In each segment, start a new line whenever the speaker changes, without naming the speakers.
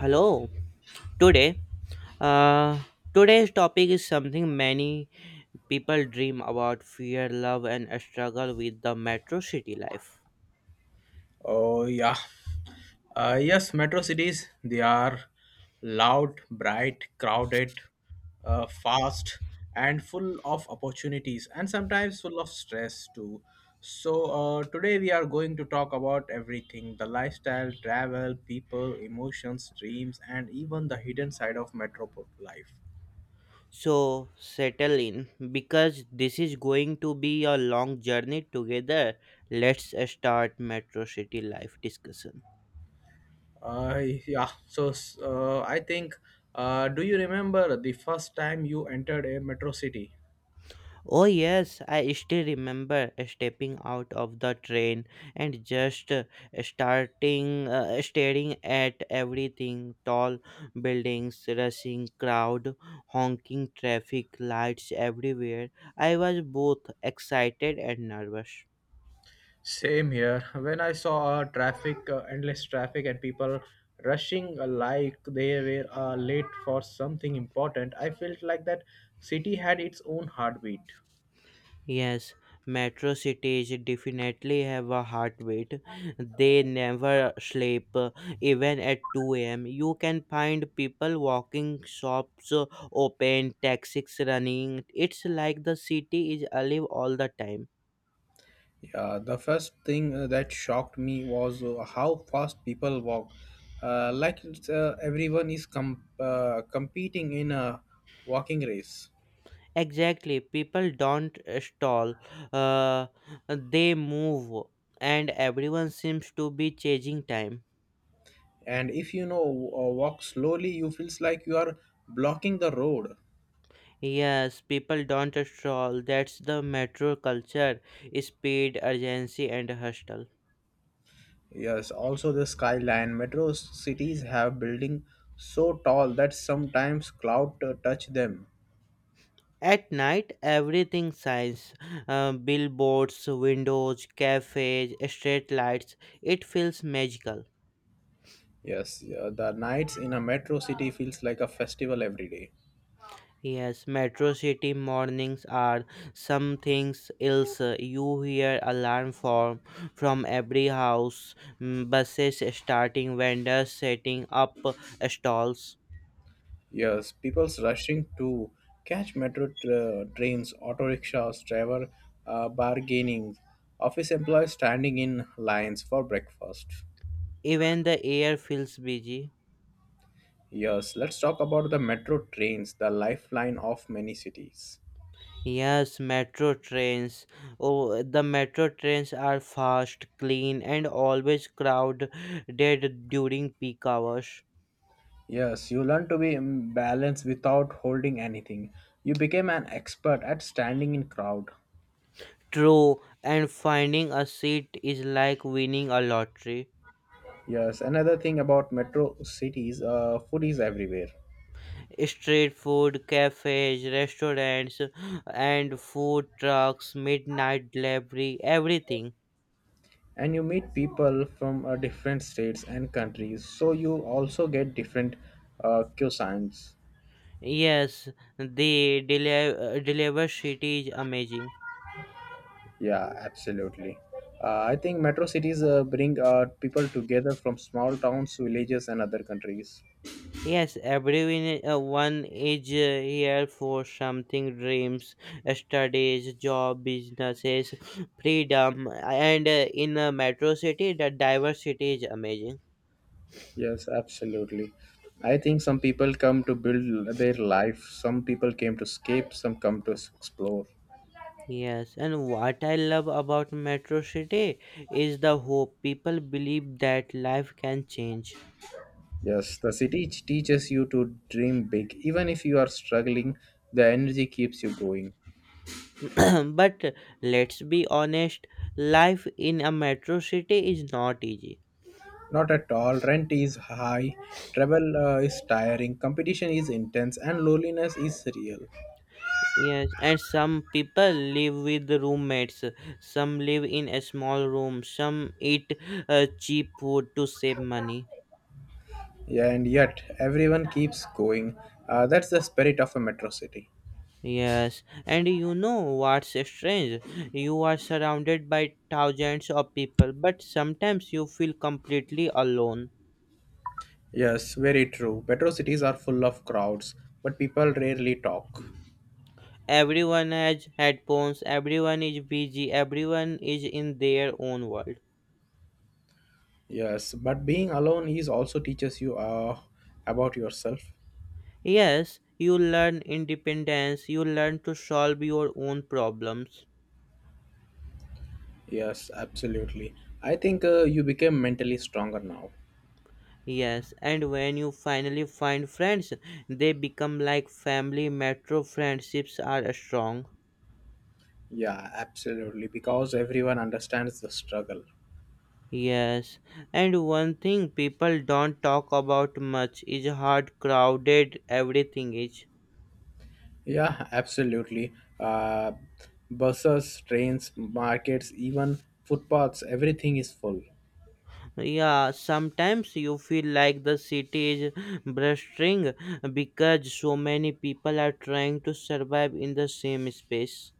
Hello. Today, uh, today's topic is something many people dream about: fear, love, and struggle with the metro city life.
Oh yeah. Yes, metro cities, they are loud, bright, crowded, fast, and full of opportunities, and sometimes full of stress too. So, today we are going to talk about everything the lifestyle, travel, people, emotions, dreams, and even the hidden side of metro life.
So settle in because this is going to be a long journey together. Let's start metro city life discussion.
Uh, yeah, so uh, I think, do you remember the first time you entered a metro city?
Oh, yes, I still remember stepping out of the train and just starting staring at everything tall buildings, rushing crowd, honking traffic lights everywhere. I was both excited and nervous.
Same here. When I saw traffic, endless traffic, and people rushing like they were late for something important, I felt like that city had its own heartbeat.
Yes, metro cities definitely have a heartbeat. They never sleep, even at 2 a.m. You can find people walking, shops open, taxis running. It's like the city is alive all the time.
Yeah, the first thing that shocked me was how fast people walk. Like everyone is competing in a walking race.
Exactly, people don't uh, they move, and everyone seems to be changing time.
And if you know walk slowly, you feels like you are blocking the road.
Yes, people don't stroll. That's the metro culture. Speed, urgency, and hustle.
Yes, also the skyline. Metro cities have buildings so tall that sometimes cloud touch them.
At night, everything shines. Billboards, windows, cafes, street lights. It feels magical.
Yes, yeah, the nights in a metro city feels like a festival every day.
Yes, metro city mornings are something else. You hear alarm form from every house, buses starting, vendors setting up stalls.
Yes, people's rushing to catch metro trains, auto rickshaws, driver bargaining, office employees standing in lines for breakfast.
Even the air feels busy.
Yes, let's talk about the metro trains, the lifeline of many cities.
Yes, metro trains. Oh, the metro trains are fast, clean, and always crowded during peak hours.
Yes, you learn to be in balance without holding anything. You became an expert at standing in crowd.
True, and finding a seat is like winning a lottery.
Yes, another thing about metro cities, food is everywhere.
Street food, cafes, restaurants, and food trucks, midnight delivery, everything.
And you meet people from different states and countries, so you also get different cuisines.
Yes, the deliver city is amazing.
Yeah, absolutely. I think metro cities bring people together from small towns, villages, and other countries.
Yes, everyone one is here for something dreams, studies, job, businesses, freedom, and in a metro city, the diversity is amazing.
Yes, absolutely. I think some people come to build their life, some people came to escape, some come to explore.
Yes, and what I love about metro city is the hope. People believe that life can change.
Yes, the city teaches you to dream big. Even if you are struggling, the energy keeps you going.
But let's be honest, life in a metro city is not easy.
Not at all. Rent is high, travel is tiring, competition is intense, and loneliness is real.
Yes, and some people live with roommates, some live in a small room, some eat cheap food to save money.
Yeah, and yet everyone keeps going. That's the spirit of a metro city.
Yes, and you know what's strange? You are surrounded by thousands of people, but sometimes you feel completely alone.
Yes, very true. Metro cities are full of crowds, but people rarely talk.
Everyone has headphones, everyone is busy, everyone is in their own world.
Yes, but being alone is also teaches you about yourself.
Yes, you learn independence, you learn to solve your own problems.
Yes, absolutely. I think you became mentally stronger now.
Yes, and when you finally find friends, they become like family. Metro friendships are strong.
Yeah, absolutely. Because everyone understands the struggle.
Yes, and one thing people don't talk about much is how crowded everything is.
Yeah, absolutely. Uh, Buses, trains, markets, even footpaths, everything is full.
Yeah, sometimes you feel like the city is blustering because so many people are trying to survive in the same space.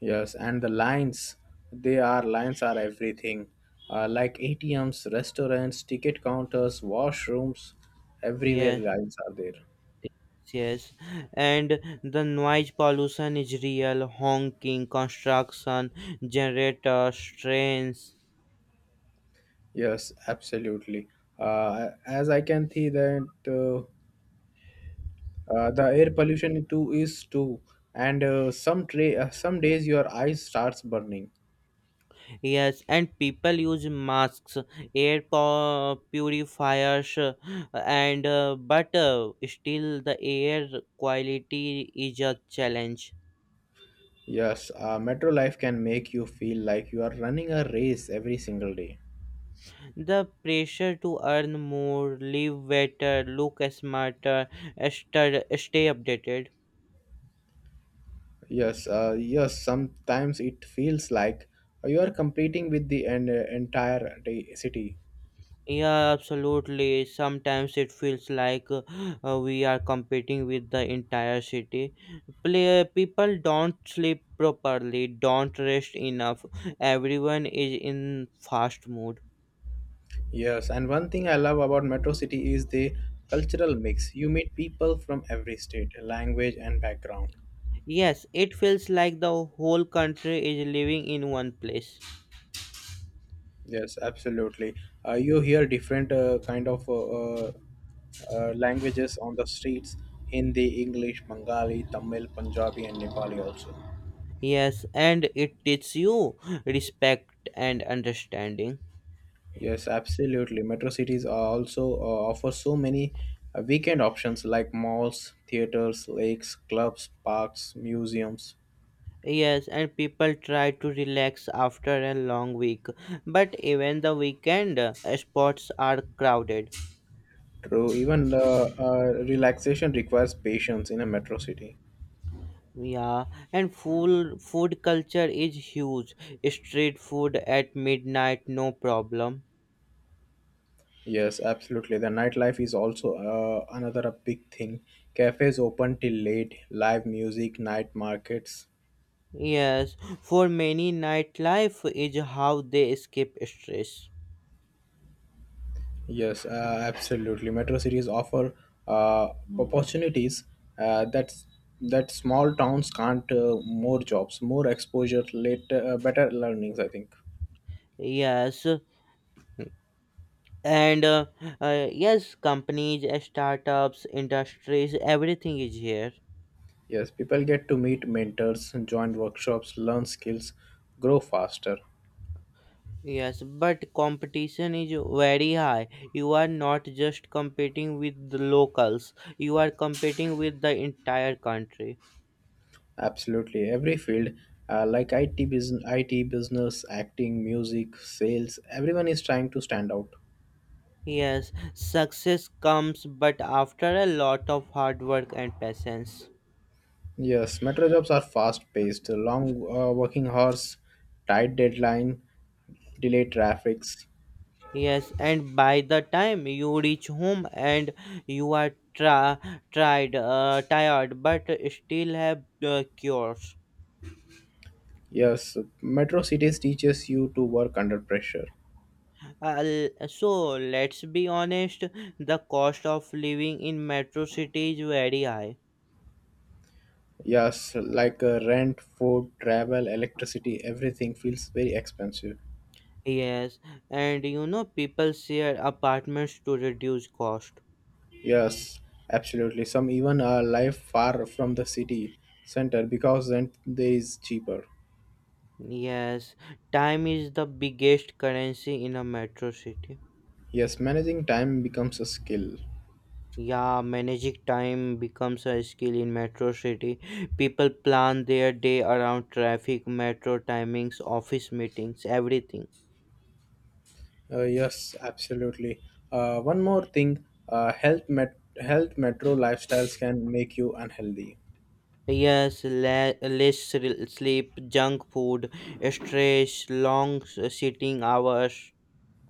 Yes, and the lines, they are lines are everything. Like ATMs, restaurants, ticket counters, washrooms, everywhere
Yes,
lines are there.
yes, and the noise pollution is real, honking, construction, generators, trains.
Yes, absolutely. As I can see that the air pollution too is too, and some some days your eyes starts burning.
Yes, and people use masks, purifiers, and but still the air quality is a challenge.
Yes, metro life can make you feel like you are running a race every single day.
The pressure to earn more, live better, look smarter, stay updated.
Yes. Sometimes it feels like you are competing with the entire city.
Yeah, absolutely. Sometimes it feels like we are competing with the entire city. Play, people don't sleep properly, don't rest enough. Everyone is in fast mood.
Yes, and one thing I love about metro city is the cultural mix. You meet people from every state, language, and background.
Yes, it feels like the whole country is living in one place.
Yes, absolutely. You hear different kind of uh, languages on the streets: Hindi, English, Bengali, Tamil, Punjabi, and Nepali also.
Yes, and it teaches you respect and understanding.
Yes, absolutely. Metro cities are also offer so many weekend options like malls, theaters, lakes, clubs, parks, museums.
Yes, and people try to relax after a long week, but even the weekend spots are crowded.
True, even relaxation requires patience in a metro city.
Yeah, and full food culture is huge. Street food at midnight, no problem.
Yes, absolutely. The nightlife is also another a big thing. Cafes open till late, live music, night markets.
Yes, for many, nightlife is how they escape stress.
Yes, absolutely. Metro cities offer uh, opportunities uh, that's that small towns can't. More jobs, more exposure, later better learnings. I think.
Yes, and yes, companies, startups, industries, everything is here.
Yes, people get to meet mentors, join workshops, learn skills, grow faster.
Yes, but competition is very high. You are not just competing with the locals, you are competing with the entire country.
Absolutely, every field like IT business, acting, music, sales, everyone is trying to stand out.
Yes, success comes but after a lot of hard work and patience.
Yes, metro jobs are fast-paced, long working hours, tight deadline, delayed traffics.
Yes, and by the time you reach home and you are tra- tired, but still have cures.
Yes, metro cities teaches you to work under pressure.
Uh, so let's be honest, the cost of living in metro city is very high.
Yes, like rent, food, travel, electricity, everything feels very expensive.
Yes, and you know people share apartments to reduce cost.
Yes, absolutely. Some even live far from the city center because rent there is cheaper.
Yes, time is the biggest currency in a metro city.
Yes, managing time becomes a skill.
Yeah, managing time becomes a skill in metro city. People plan their day around traffic, metro timings, office meetings, everything.
Yes, absolutely. One more thing, health metro lifestyles can make you unhealthy.
Yes, less sleep, junk food, stress, long sitting hours.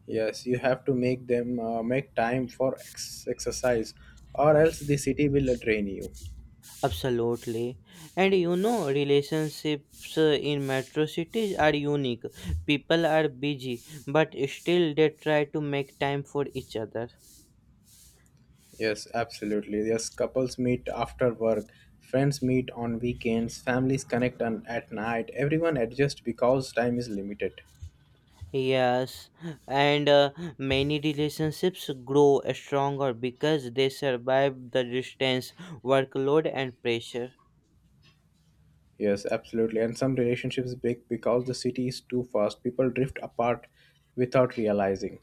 Yes, you have to make time for exercise, or else the city will drain you.
Absolutely. And you know, relationships in metro cities are unique. People are busy, but still they try to make time for each other.
Yes, absolutely. Yes, couples meet after work, friends meet on weekends, families connect on, at night. Everyone adjusts because time is limited.
Yes, and many relationships grow stronger because they survive the distance, workload, and pressure.
Yes, absolutely. And some relationships break because the city is too fast. People drift apart without realizing.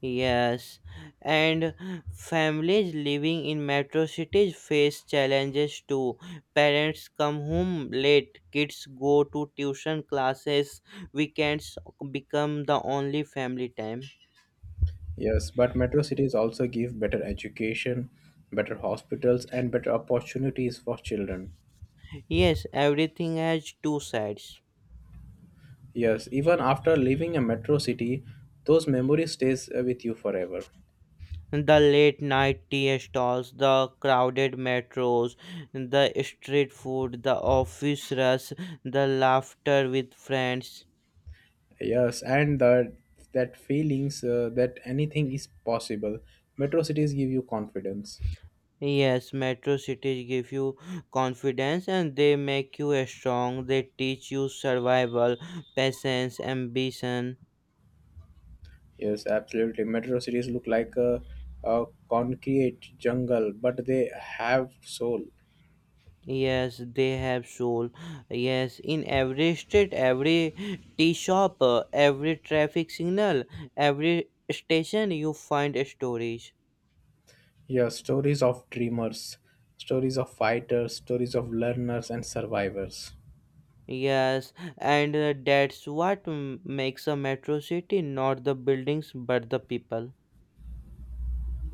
Yes, and families living in metro cities face challenges too. Parents come home late, kids go to tuition classes, weekends become the only family time.
Yes, but metro cities also give better education, better hospitals, and better opportunities for children.
Yes, everything has two sides.
Yes, even after leaving a metro city, those memories stays with you forever.
The late night tea stalls, the crowded metros, the street food, the office rush, the laughter with friends.
Yes, and that feelings that anything is possible. Metro cities give you confidence.
Yes, metro cities give you confidence and they make you strong. They teach you survival, patience, ambition.
Yes, absolutely. Metro cities look like a concrete jungle, but they have soul.
Yes, they have soul. Yes, in every street, every tea shop, every traffic signal, every station, you find stories.
Yeah, stories of dreamers, stories of fighters, stories of learners and survivors.
Yes, and that's what makes a metro city, not the buildings but the people.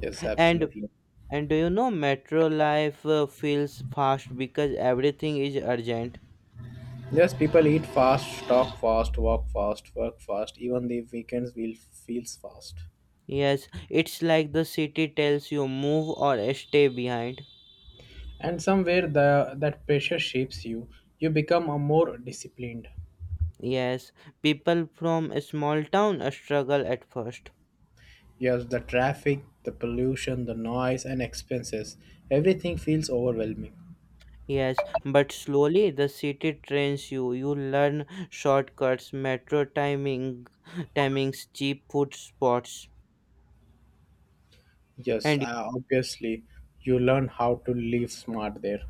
Yes,
And
absolutely.
And do you know, metro life feels fast because everything is urgent.
Yes, people eat fast, talk fast, walk fast, work fast. Even the weekends will feels fast.
Yes, it's like the city tells you move or stay behind.
And somewhere that pressure shapes you. You become a more disciplined.
Yes, people from a small town struggle at first.
Yes, the traffic, the pollution, the noise, and expenses. Everything feels overwhelming.
Yes, but slowly the city trains you. You learn shortcuts, timings, cheap food spots,
Yes,
and
uh, obviously, you learn how to live smart there.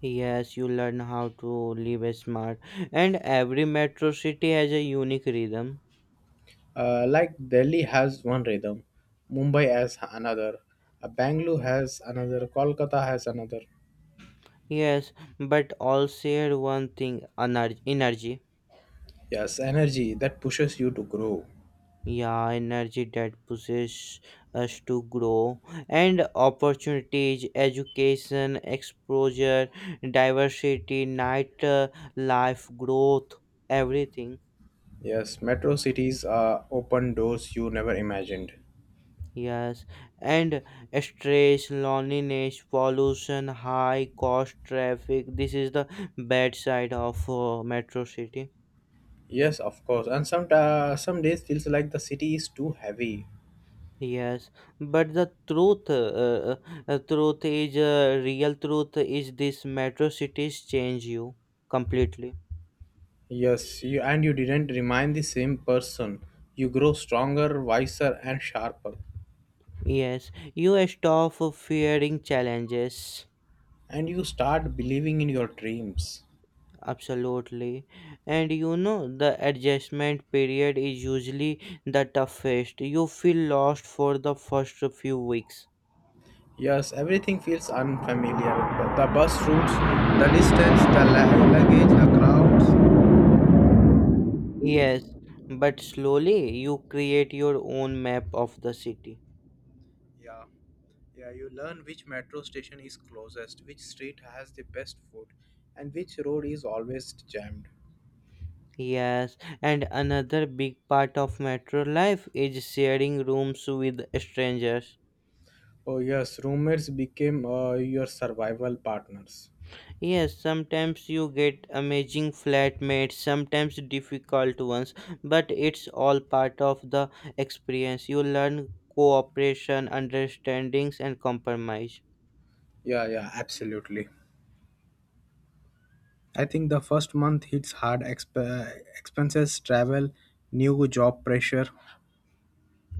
yes, you learn how to live smart. And every metro city has a unique rhythm.
Like Delhi has one rhythm, Mumbai has another, Bangalore has another, Kolkata has another.
Yes, but all share one thing, energy.
Yes, energy that pushes you to grow.
Yeah, energy that pushes us to grow, and opportunities, education, exposure, diversity, night life, growth, everything.
Yes, metro cities are open doors you never imagined.
Yes, and stress, loneliness, pollution, high cost, traffic. This is the bad side of metro city.
Yes, of course. And some some days feels like the city is too heavy.
Yes, but the truth, real truth is this: metro cities change you completely.
Yes, you and you didn't remind the same person. You grow stronger, wiser, and sharper,
Yes, you stop fearing challenges,
and you start believing in your dreams.
absolutely. And you know, the adjustment period is usually the toughest. You feel lost for the first few weeks.
Yes, everything feels unfamiliar. The bus routes, the distance, the luggage, the crowds.
Yes, but slowly you create your own map of the city.
Yeah, yeah. You learn which metro station is closest, which street has the best food, and which road is always jammed.
Yes, and another big part of metro life is sharing rooms with strangers.
Oh yes, roommates became your survival partners.
Yes, sometimes you get amazing flatmates, sometimes difficult ones, but it's all part of the experience. You learn cooperation, understandings, and compromise.
Yeah, yeah, absolutely. I think the first month hits hard. Expenses, travel, new job pressure.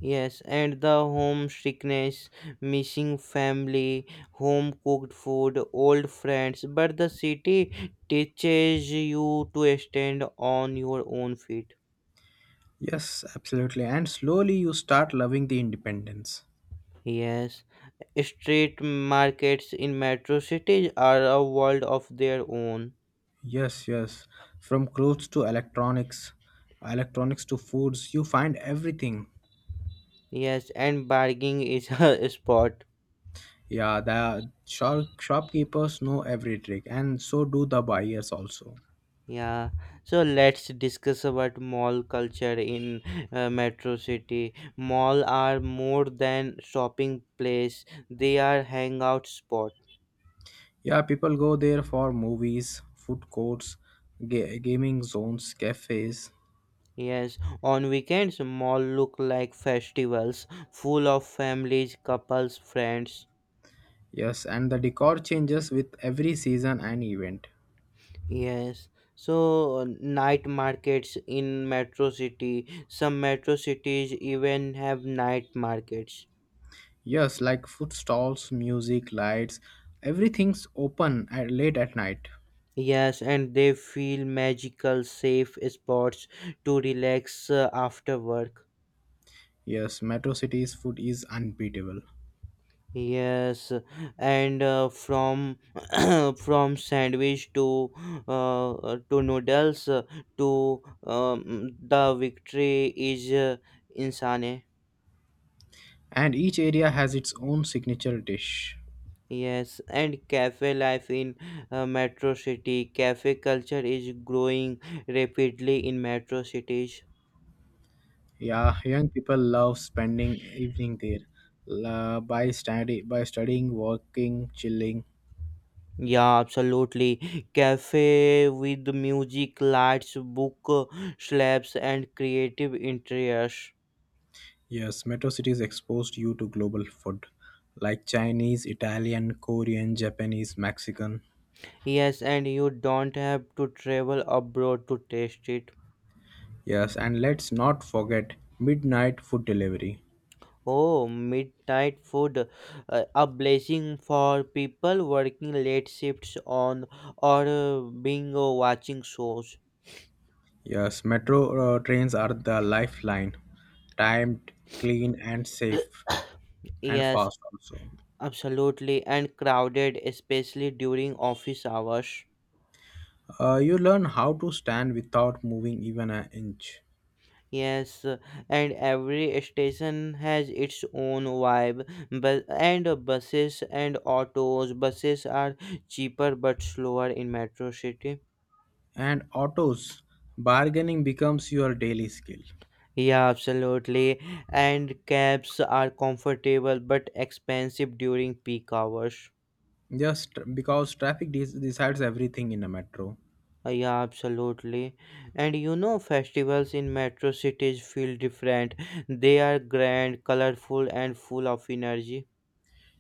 Yes, and the home sickness, missing family, home cooked food, old friends. But the city teaches you to stand on your own feet.
Yes, absolutely. And slowly you start loving the independence.
Yes, street markets in metro cities are a world of their own.
Yes, yes. From clothes to electronics, electronics to foods, you find everything.
Yes, and bargaining is a sport.
Yeah, the shopkeepers know every trick, and so do the buyers also.
Yeah, so let's discuss about mall culture in metro city. Mall are more than shopping place; they are hangout spot.
Yeah, people go there for movies, food courts, gaming zones, cafes.
Yes, on weekends, mall look like festivals, full of families, couples, friends.
Yes, and the decor changes with every season and event.
Yes, so uh, Night markets in metro city. Some metro cities even have night markets.
Yes, like food stalls, music, lights, everything's open at late at night.
Yes, and they feel magical, safe spots to relax after work.
Yes, Metro City's food is unbeatable.
Yes, and from from sandwich to noodles to the victory is insane.
And each area has its own signature dish.
Yes, and cafe life in metro city. Cafe culture is growing rapidly in metro cities.
Yeah, young people love spending evening there. By studying, working, chilling.
Yeah, absolutely. Cafe with music, lights, book slabs, and creative interiors.
Yes, metro cities exposed you to global food like Chinese, Italian, Korean, Japanese, Mexican.
Yes, and you don't have to travel abroad to taste it.
Yes, and let's not forget midnight food delivery.
Oh, midnight food, a blessing for people working late shifts on or being watching shows.
Yes, metro trains are the lifeline, timed, clean, and safe, and
Yes,
fast also.
absolutely, and crowded, especially during office hours.
You learn how to stand without moving even an inch.
Yes, and every station has its own vibe. But and Buses and autos. Buses are cheaper but slower in metro city.
And autos, bargaining becomes your daily skill.
Yeah, absolutely. And cabs are comfortable but expensive during peak hours.
Just because traffic decides everything in a metro.
Yeah, absolutely. And you know, festivals in metro cities feel different. They are grand, colorful, and full of energy.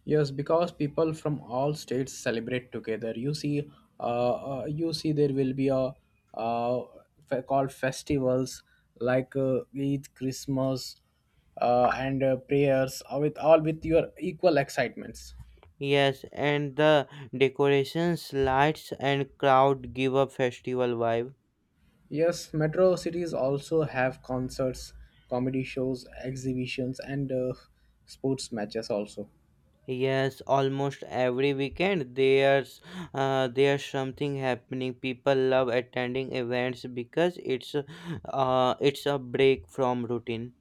Yes, because people from all states celebrate together. Uh, you see, there will be a uh, called festivals like Eid, Christmas, and prayers, with all with your equal excitements.
Yes, and the decorations, lights, and crowd give a festival vibe.
Yes, metro cities also have concerts, comedy shows, exhibitions, and sports matches also.
Yes, almost every weekend there's something happening. People love attending events because it's a break from routine.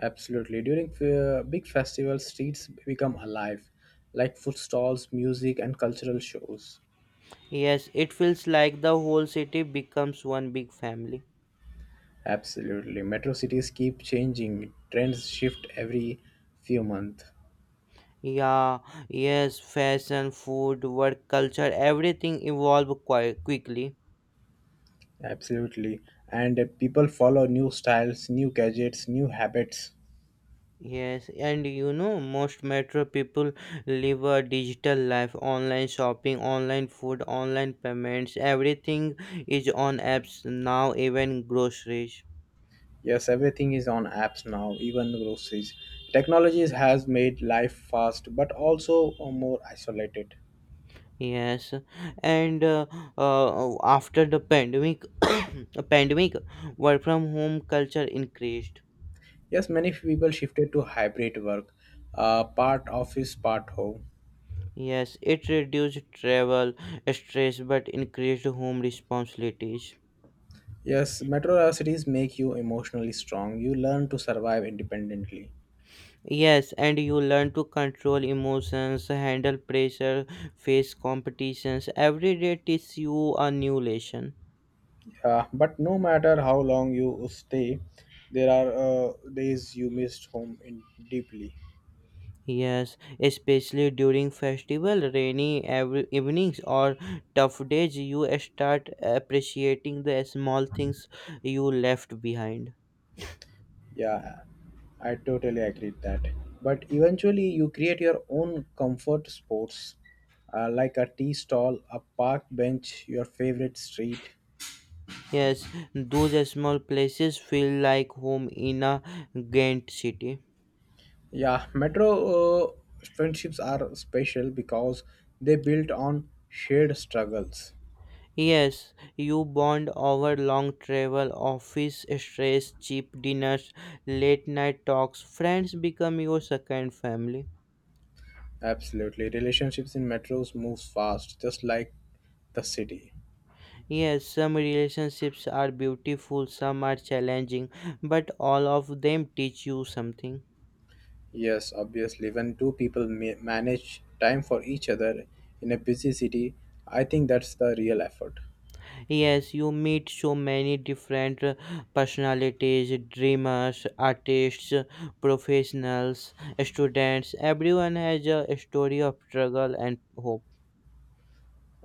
Absolutely. During big festivals, streets become alive, like food stalls, music, and cultural shows.
Yes, it feels like the whole city becomes one big family.
Absolutely. Metro cities keep changing. Trends shift every few months.
Yeah, yes, fashion, food, work, culture, everything evolve quite quickly.
Absolutely. And people follow new styles, new gadgets, new habits.
Yes, and you know, most metro people live a digital life: online shopping, online food, online payments, everything is on apps now, even groceries.
Yes, everything is on apps now, even groceries. Technologies has made life fast but also more isolated.
Yes, and after the pandemic, pandemic, work from home culture increased.
Yes, many people shifted to hybrid work, part office, part home.
Yes, it reduced travel stress but increased home responsibilities.
Yes, metro cities make you emotionally strong. You learn to survive independently.
Yes, and you learn to control emotions, handle pressure, face competitions. Every day teaches you a new lesson.
Yeah, but no matter how long you stay, there are days you missed home in deeply.
Yes, especially during festival, rainy every evenings or tough days, you start appreciating the small things you left behind.
Yeah, I totally agree with that. But eventually, you create your own comfort spots, like a tea stall, a park bench, your favorite street.
Yes, those small places feel like home in a Ghent city.
Yeah, metro uh, friendships are special because they built on shared struggles.
Yes, you bond over long travel, office stress, cheap dinners, late night talks. Friends become your second family.
Absolutely. Relationships in metros moves fast, just like the city.
Yes, some relationships are beautiful, some are challenging, but all of them teach you something.
Yes, obviously. When two people manage time for each other in a busy city, I think that's the real effort.
Yes, you meet so many different personalities, dreamers, artists, professionals, students. Everyone has a story of struggle and hope.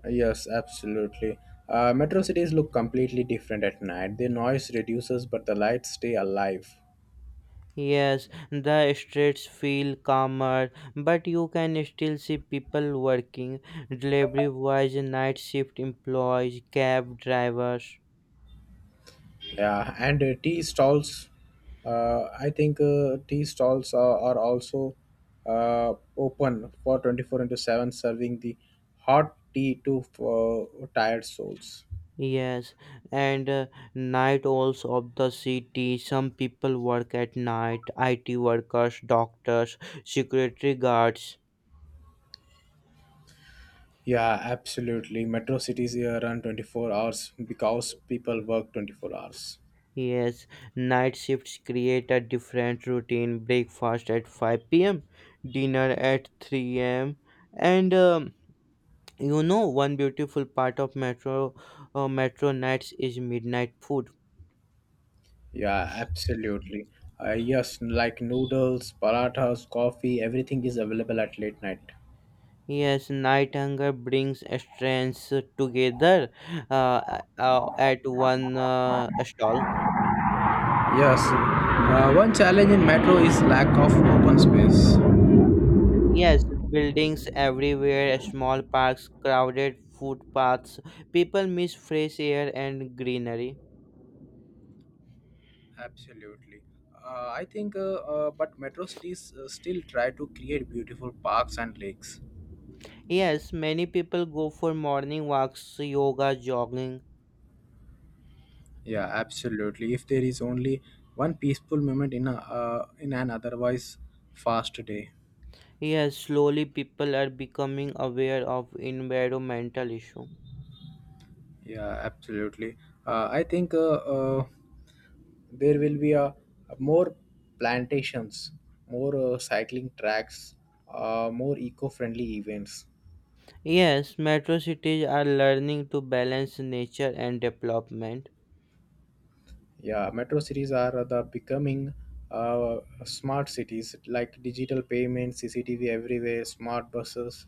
Yes, absolutely. Metro cities look completely different at night. The noise reduces, but the lights stay alive.
Yes, the streets feel calmer, but you can still see people working, delivery boys, night shift employees, cab drivers.
Yeah, and tea stalls. I think Tea stalls are also open for 24 into 7, serving the hot tea to tired souls.
Yes, and night owls of the city. Some people work at night, IT workers, doctors, security guards.
Yeah, absolutely. Metro cities here run 24 hours because people work 24 hours.
Yes, night shifts create a different routine. Breakfast at 5 p.m., dinner at 3 a.m., and you know, one beautiful part of metro nights is midnight food.
Yeah, absolutely. Yes, like noodles, parathas, coffee, everything is available at late night.
Yes, night hunger brings strengths together at one stall.
Yes, one challenge in metro is lack of open space.
Yes, buildings everywhere, small parks, crowded footpaths. People miss fresh air and greenery.
Absolutely. But metro cities still try to create beautiful parks and lakes.
Yes, many people go for morning walks, yoga, jogging.
Yeah, absolutely. If there is only one peaceful moment in a in an otherwise fast day.
Yes, slowly people are becoming aware of environmental issue.
Yeah, absolutely. I think uh, there will be more plantations, more cycling tracks, more eco-friendly events.
Yes, metro cities are learning to balance nature and development.
Yeah, metro cities are the becoming uh, smart cities like digital payments, CCTV everywhere, smart buses.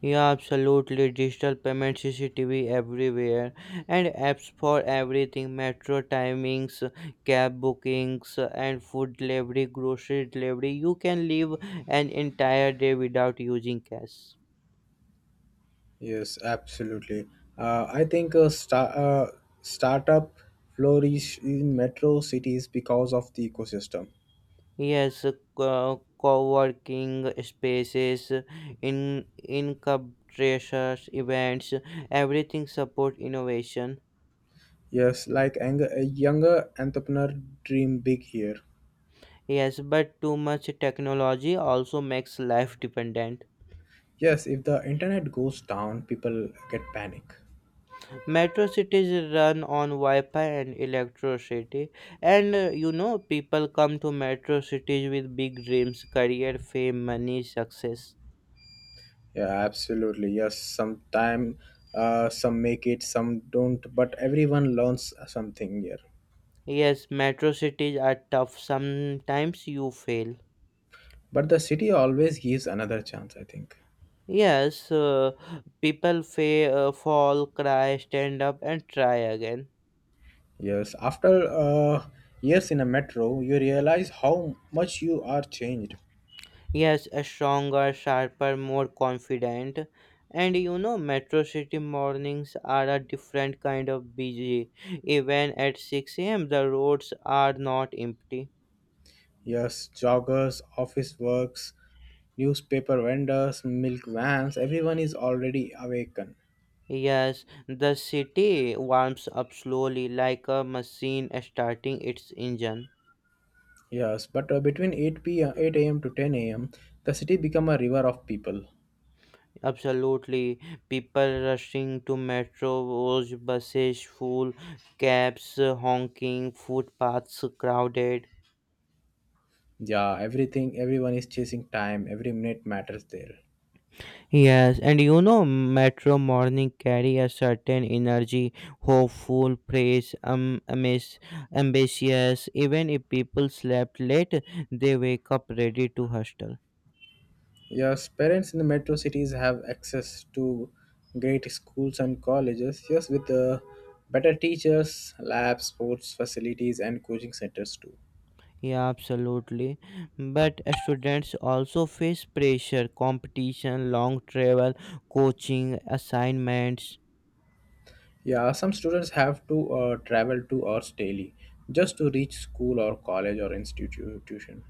Yeah, absolutely. Digital payment, CCTV everywhere, and apps for everything: metro timings, cab bookings, and food delivery, grocery delivery. You can live an entire day without using cash.
Yes, absolutely. Uh, I think uh, sta- uh, Startup flourish in metro cities because of the ecosystem.
Yes, co working spaces, in incubators, events, everything support innovation.
Yes, like a younger entrepreneur dream big here.
Yes, but too much technology also makes life dependent.
Yes, if the internet goes down, people get panic.
Metro cities run on Wi-Fi and electricity, and you know people come to metro cities with big dreams, career, fame, money, success.
Yeah, absolutely. Yes, sometime some make it, some don't, but everyone learns something here.
Yes, metro cities are tough. Sometimes you fail.
But the city always gives another chance, I think.
Yes, people fall, cry, stand up, and try again.
Yes, after years in a metro, you realize how much you are changed.
Yes, a stronger, sharper, more confident. And you know, Metro City mornings are a different kind of busy. Even at 6 a.m., the roads are not empty.
Yes, joggers, office works, newspaper vendors, milk vans, everyone is already awakened.
Yes, the city warms up slowly like a machine starting its engine.
Yes, but between 8 p.m. 8 a.m. to 10 a.m., the city become a river of people.
Absolutely. People rushing to metros, buses full, cabs honking, footpaths crowded.
Yeah, everything, everyone is chasing time. Every minute matters there.
Yes, and you know, Metro Morning carry a certain energy, hopeful, praise, amis, ambitious. Even if people slept late, they wake up ready to hustle.
Yes, parents in the metro cities have access to great schools and colleges. Yes, with better teachers, labs, sports facilities, and coaching centers too.
Yeah, absolutely. But students also face pressure, competition, long travel, coaching, assignments.
Yeah, some students have to travel 2 hours daily just to reach school or college or institution.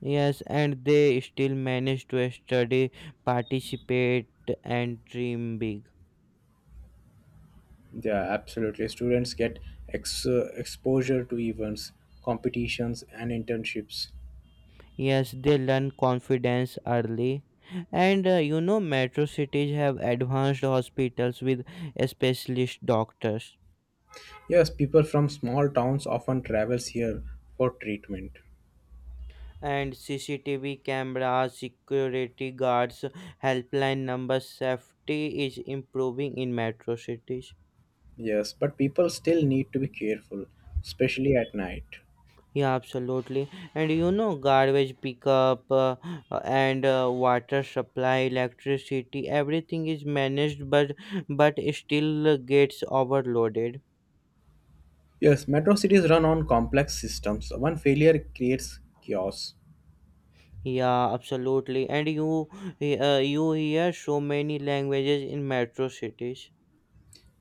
Yes, and they still manage to study, participate, and dream big.
Yeah, absolutely. Students get exposure to events, competitions, and internships.
Yes, they learn confidence early. And you know, metro cities have advanced hospitals with specialist doctors.
Yes, people from small towns often travels here for treatment.
And CCTV cameras, security guards, helpline numbers, safety is improving in metro cities.
Yes, but people still need to be careful, especially at night.
Yeah, absolutely. And you, know, garbage pickup and water supply, electricity, everything is managed, but still gets overloaded.
Yes, metro cities run on complex systems. One failure creates chaos.
Yeah, absolutely. And you, you hear so many languages in metro cities.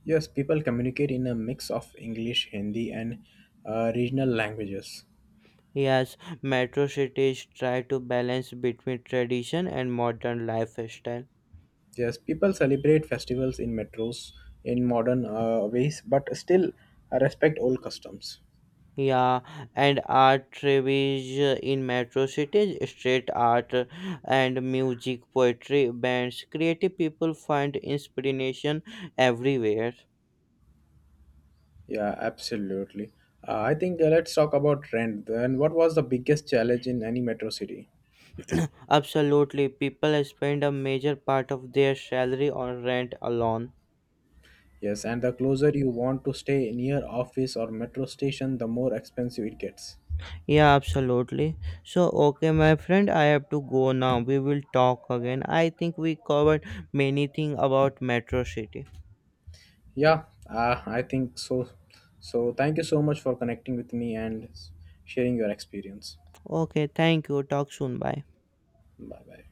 Yes, people communicate in a mix of English, Hindi, and regional languages.
Yes, metro cities try to balance between tradition and modern lifestyle.
Yes, people celebrate festivals in metros in modern ways, but still respect old customs.
Yeah, and art tribes in metro cities, street art and music, poetry, bands, creative people find inspiration everywhere.
Yeah, absolutely. I think Let's talk about rent. Then, what was the biggest challenge in any metro city?
Absolutely, people spend a major part of their salary on rent alone.
Yes, and the closer you want to stay near office or metro station, the more expensive it gets.
Yeah, absolutely. So, okay, my friend, I have to go now. We will talk again. I think we covered many things about Metro City.
Yeah, I think so. So, thank you so much for connecting with me and sharing your experience.
Okay, thank you. Talk soon. Bye.
Bye bye.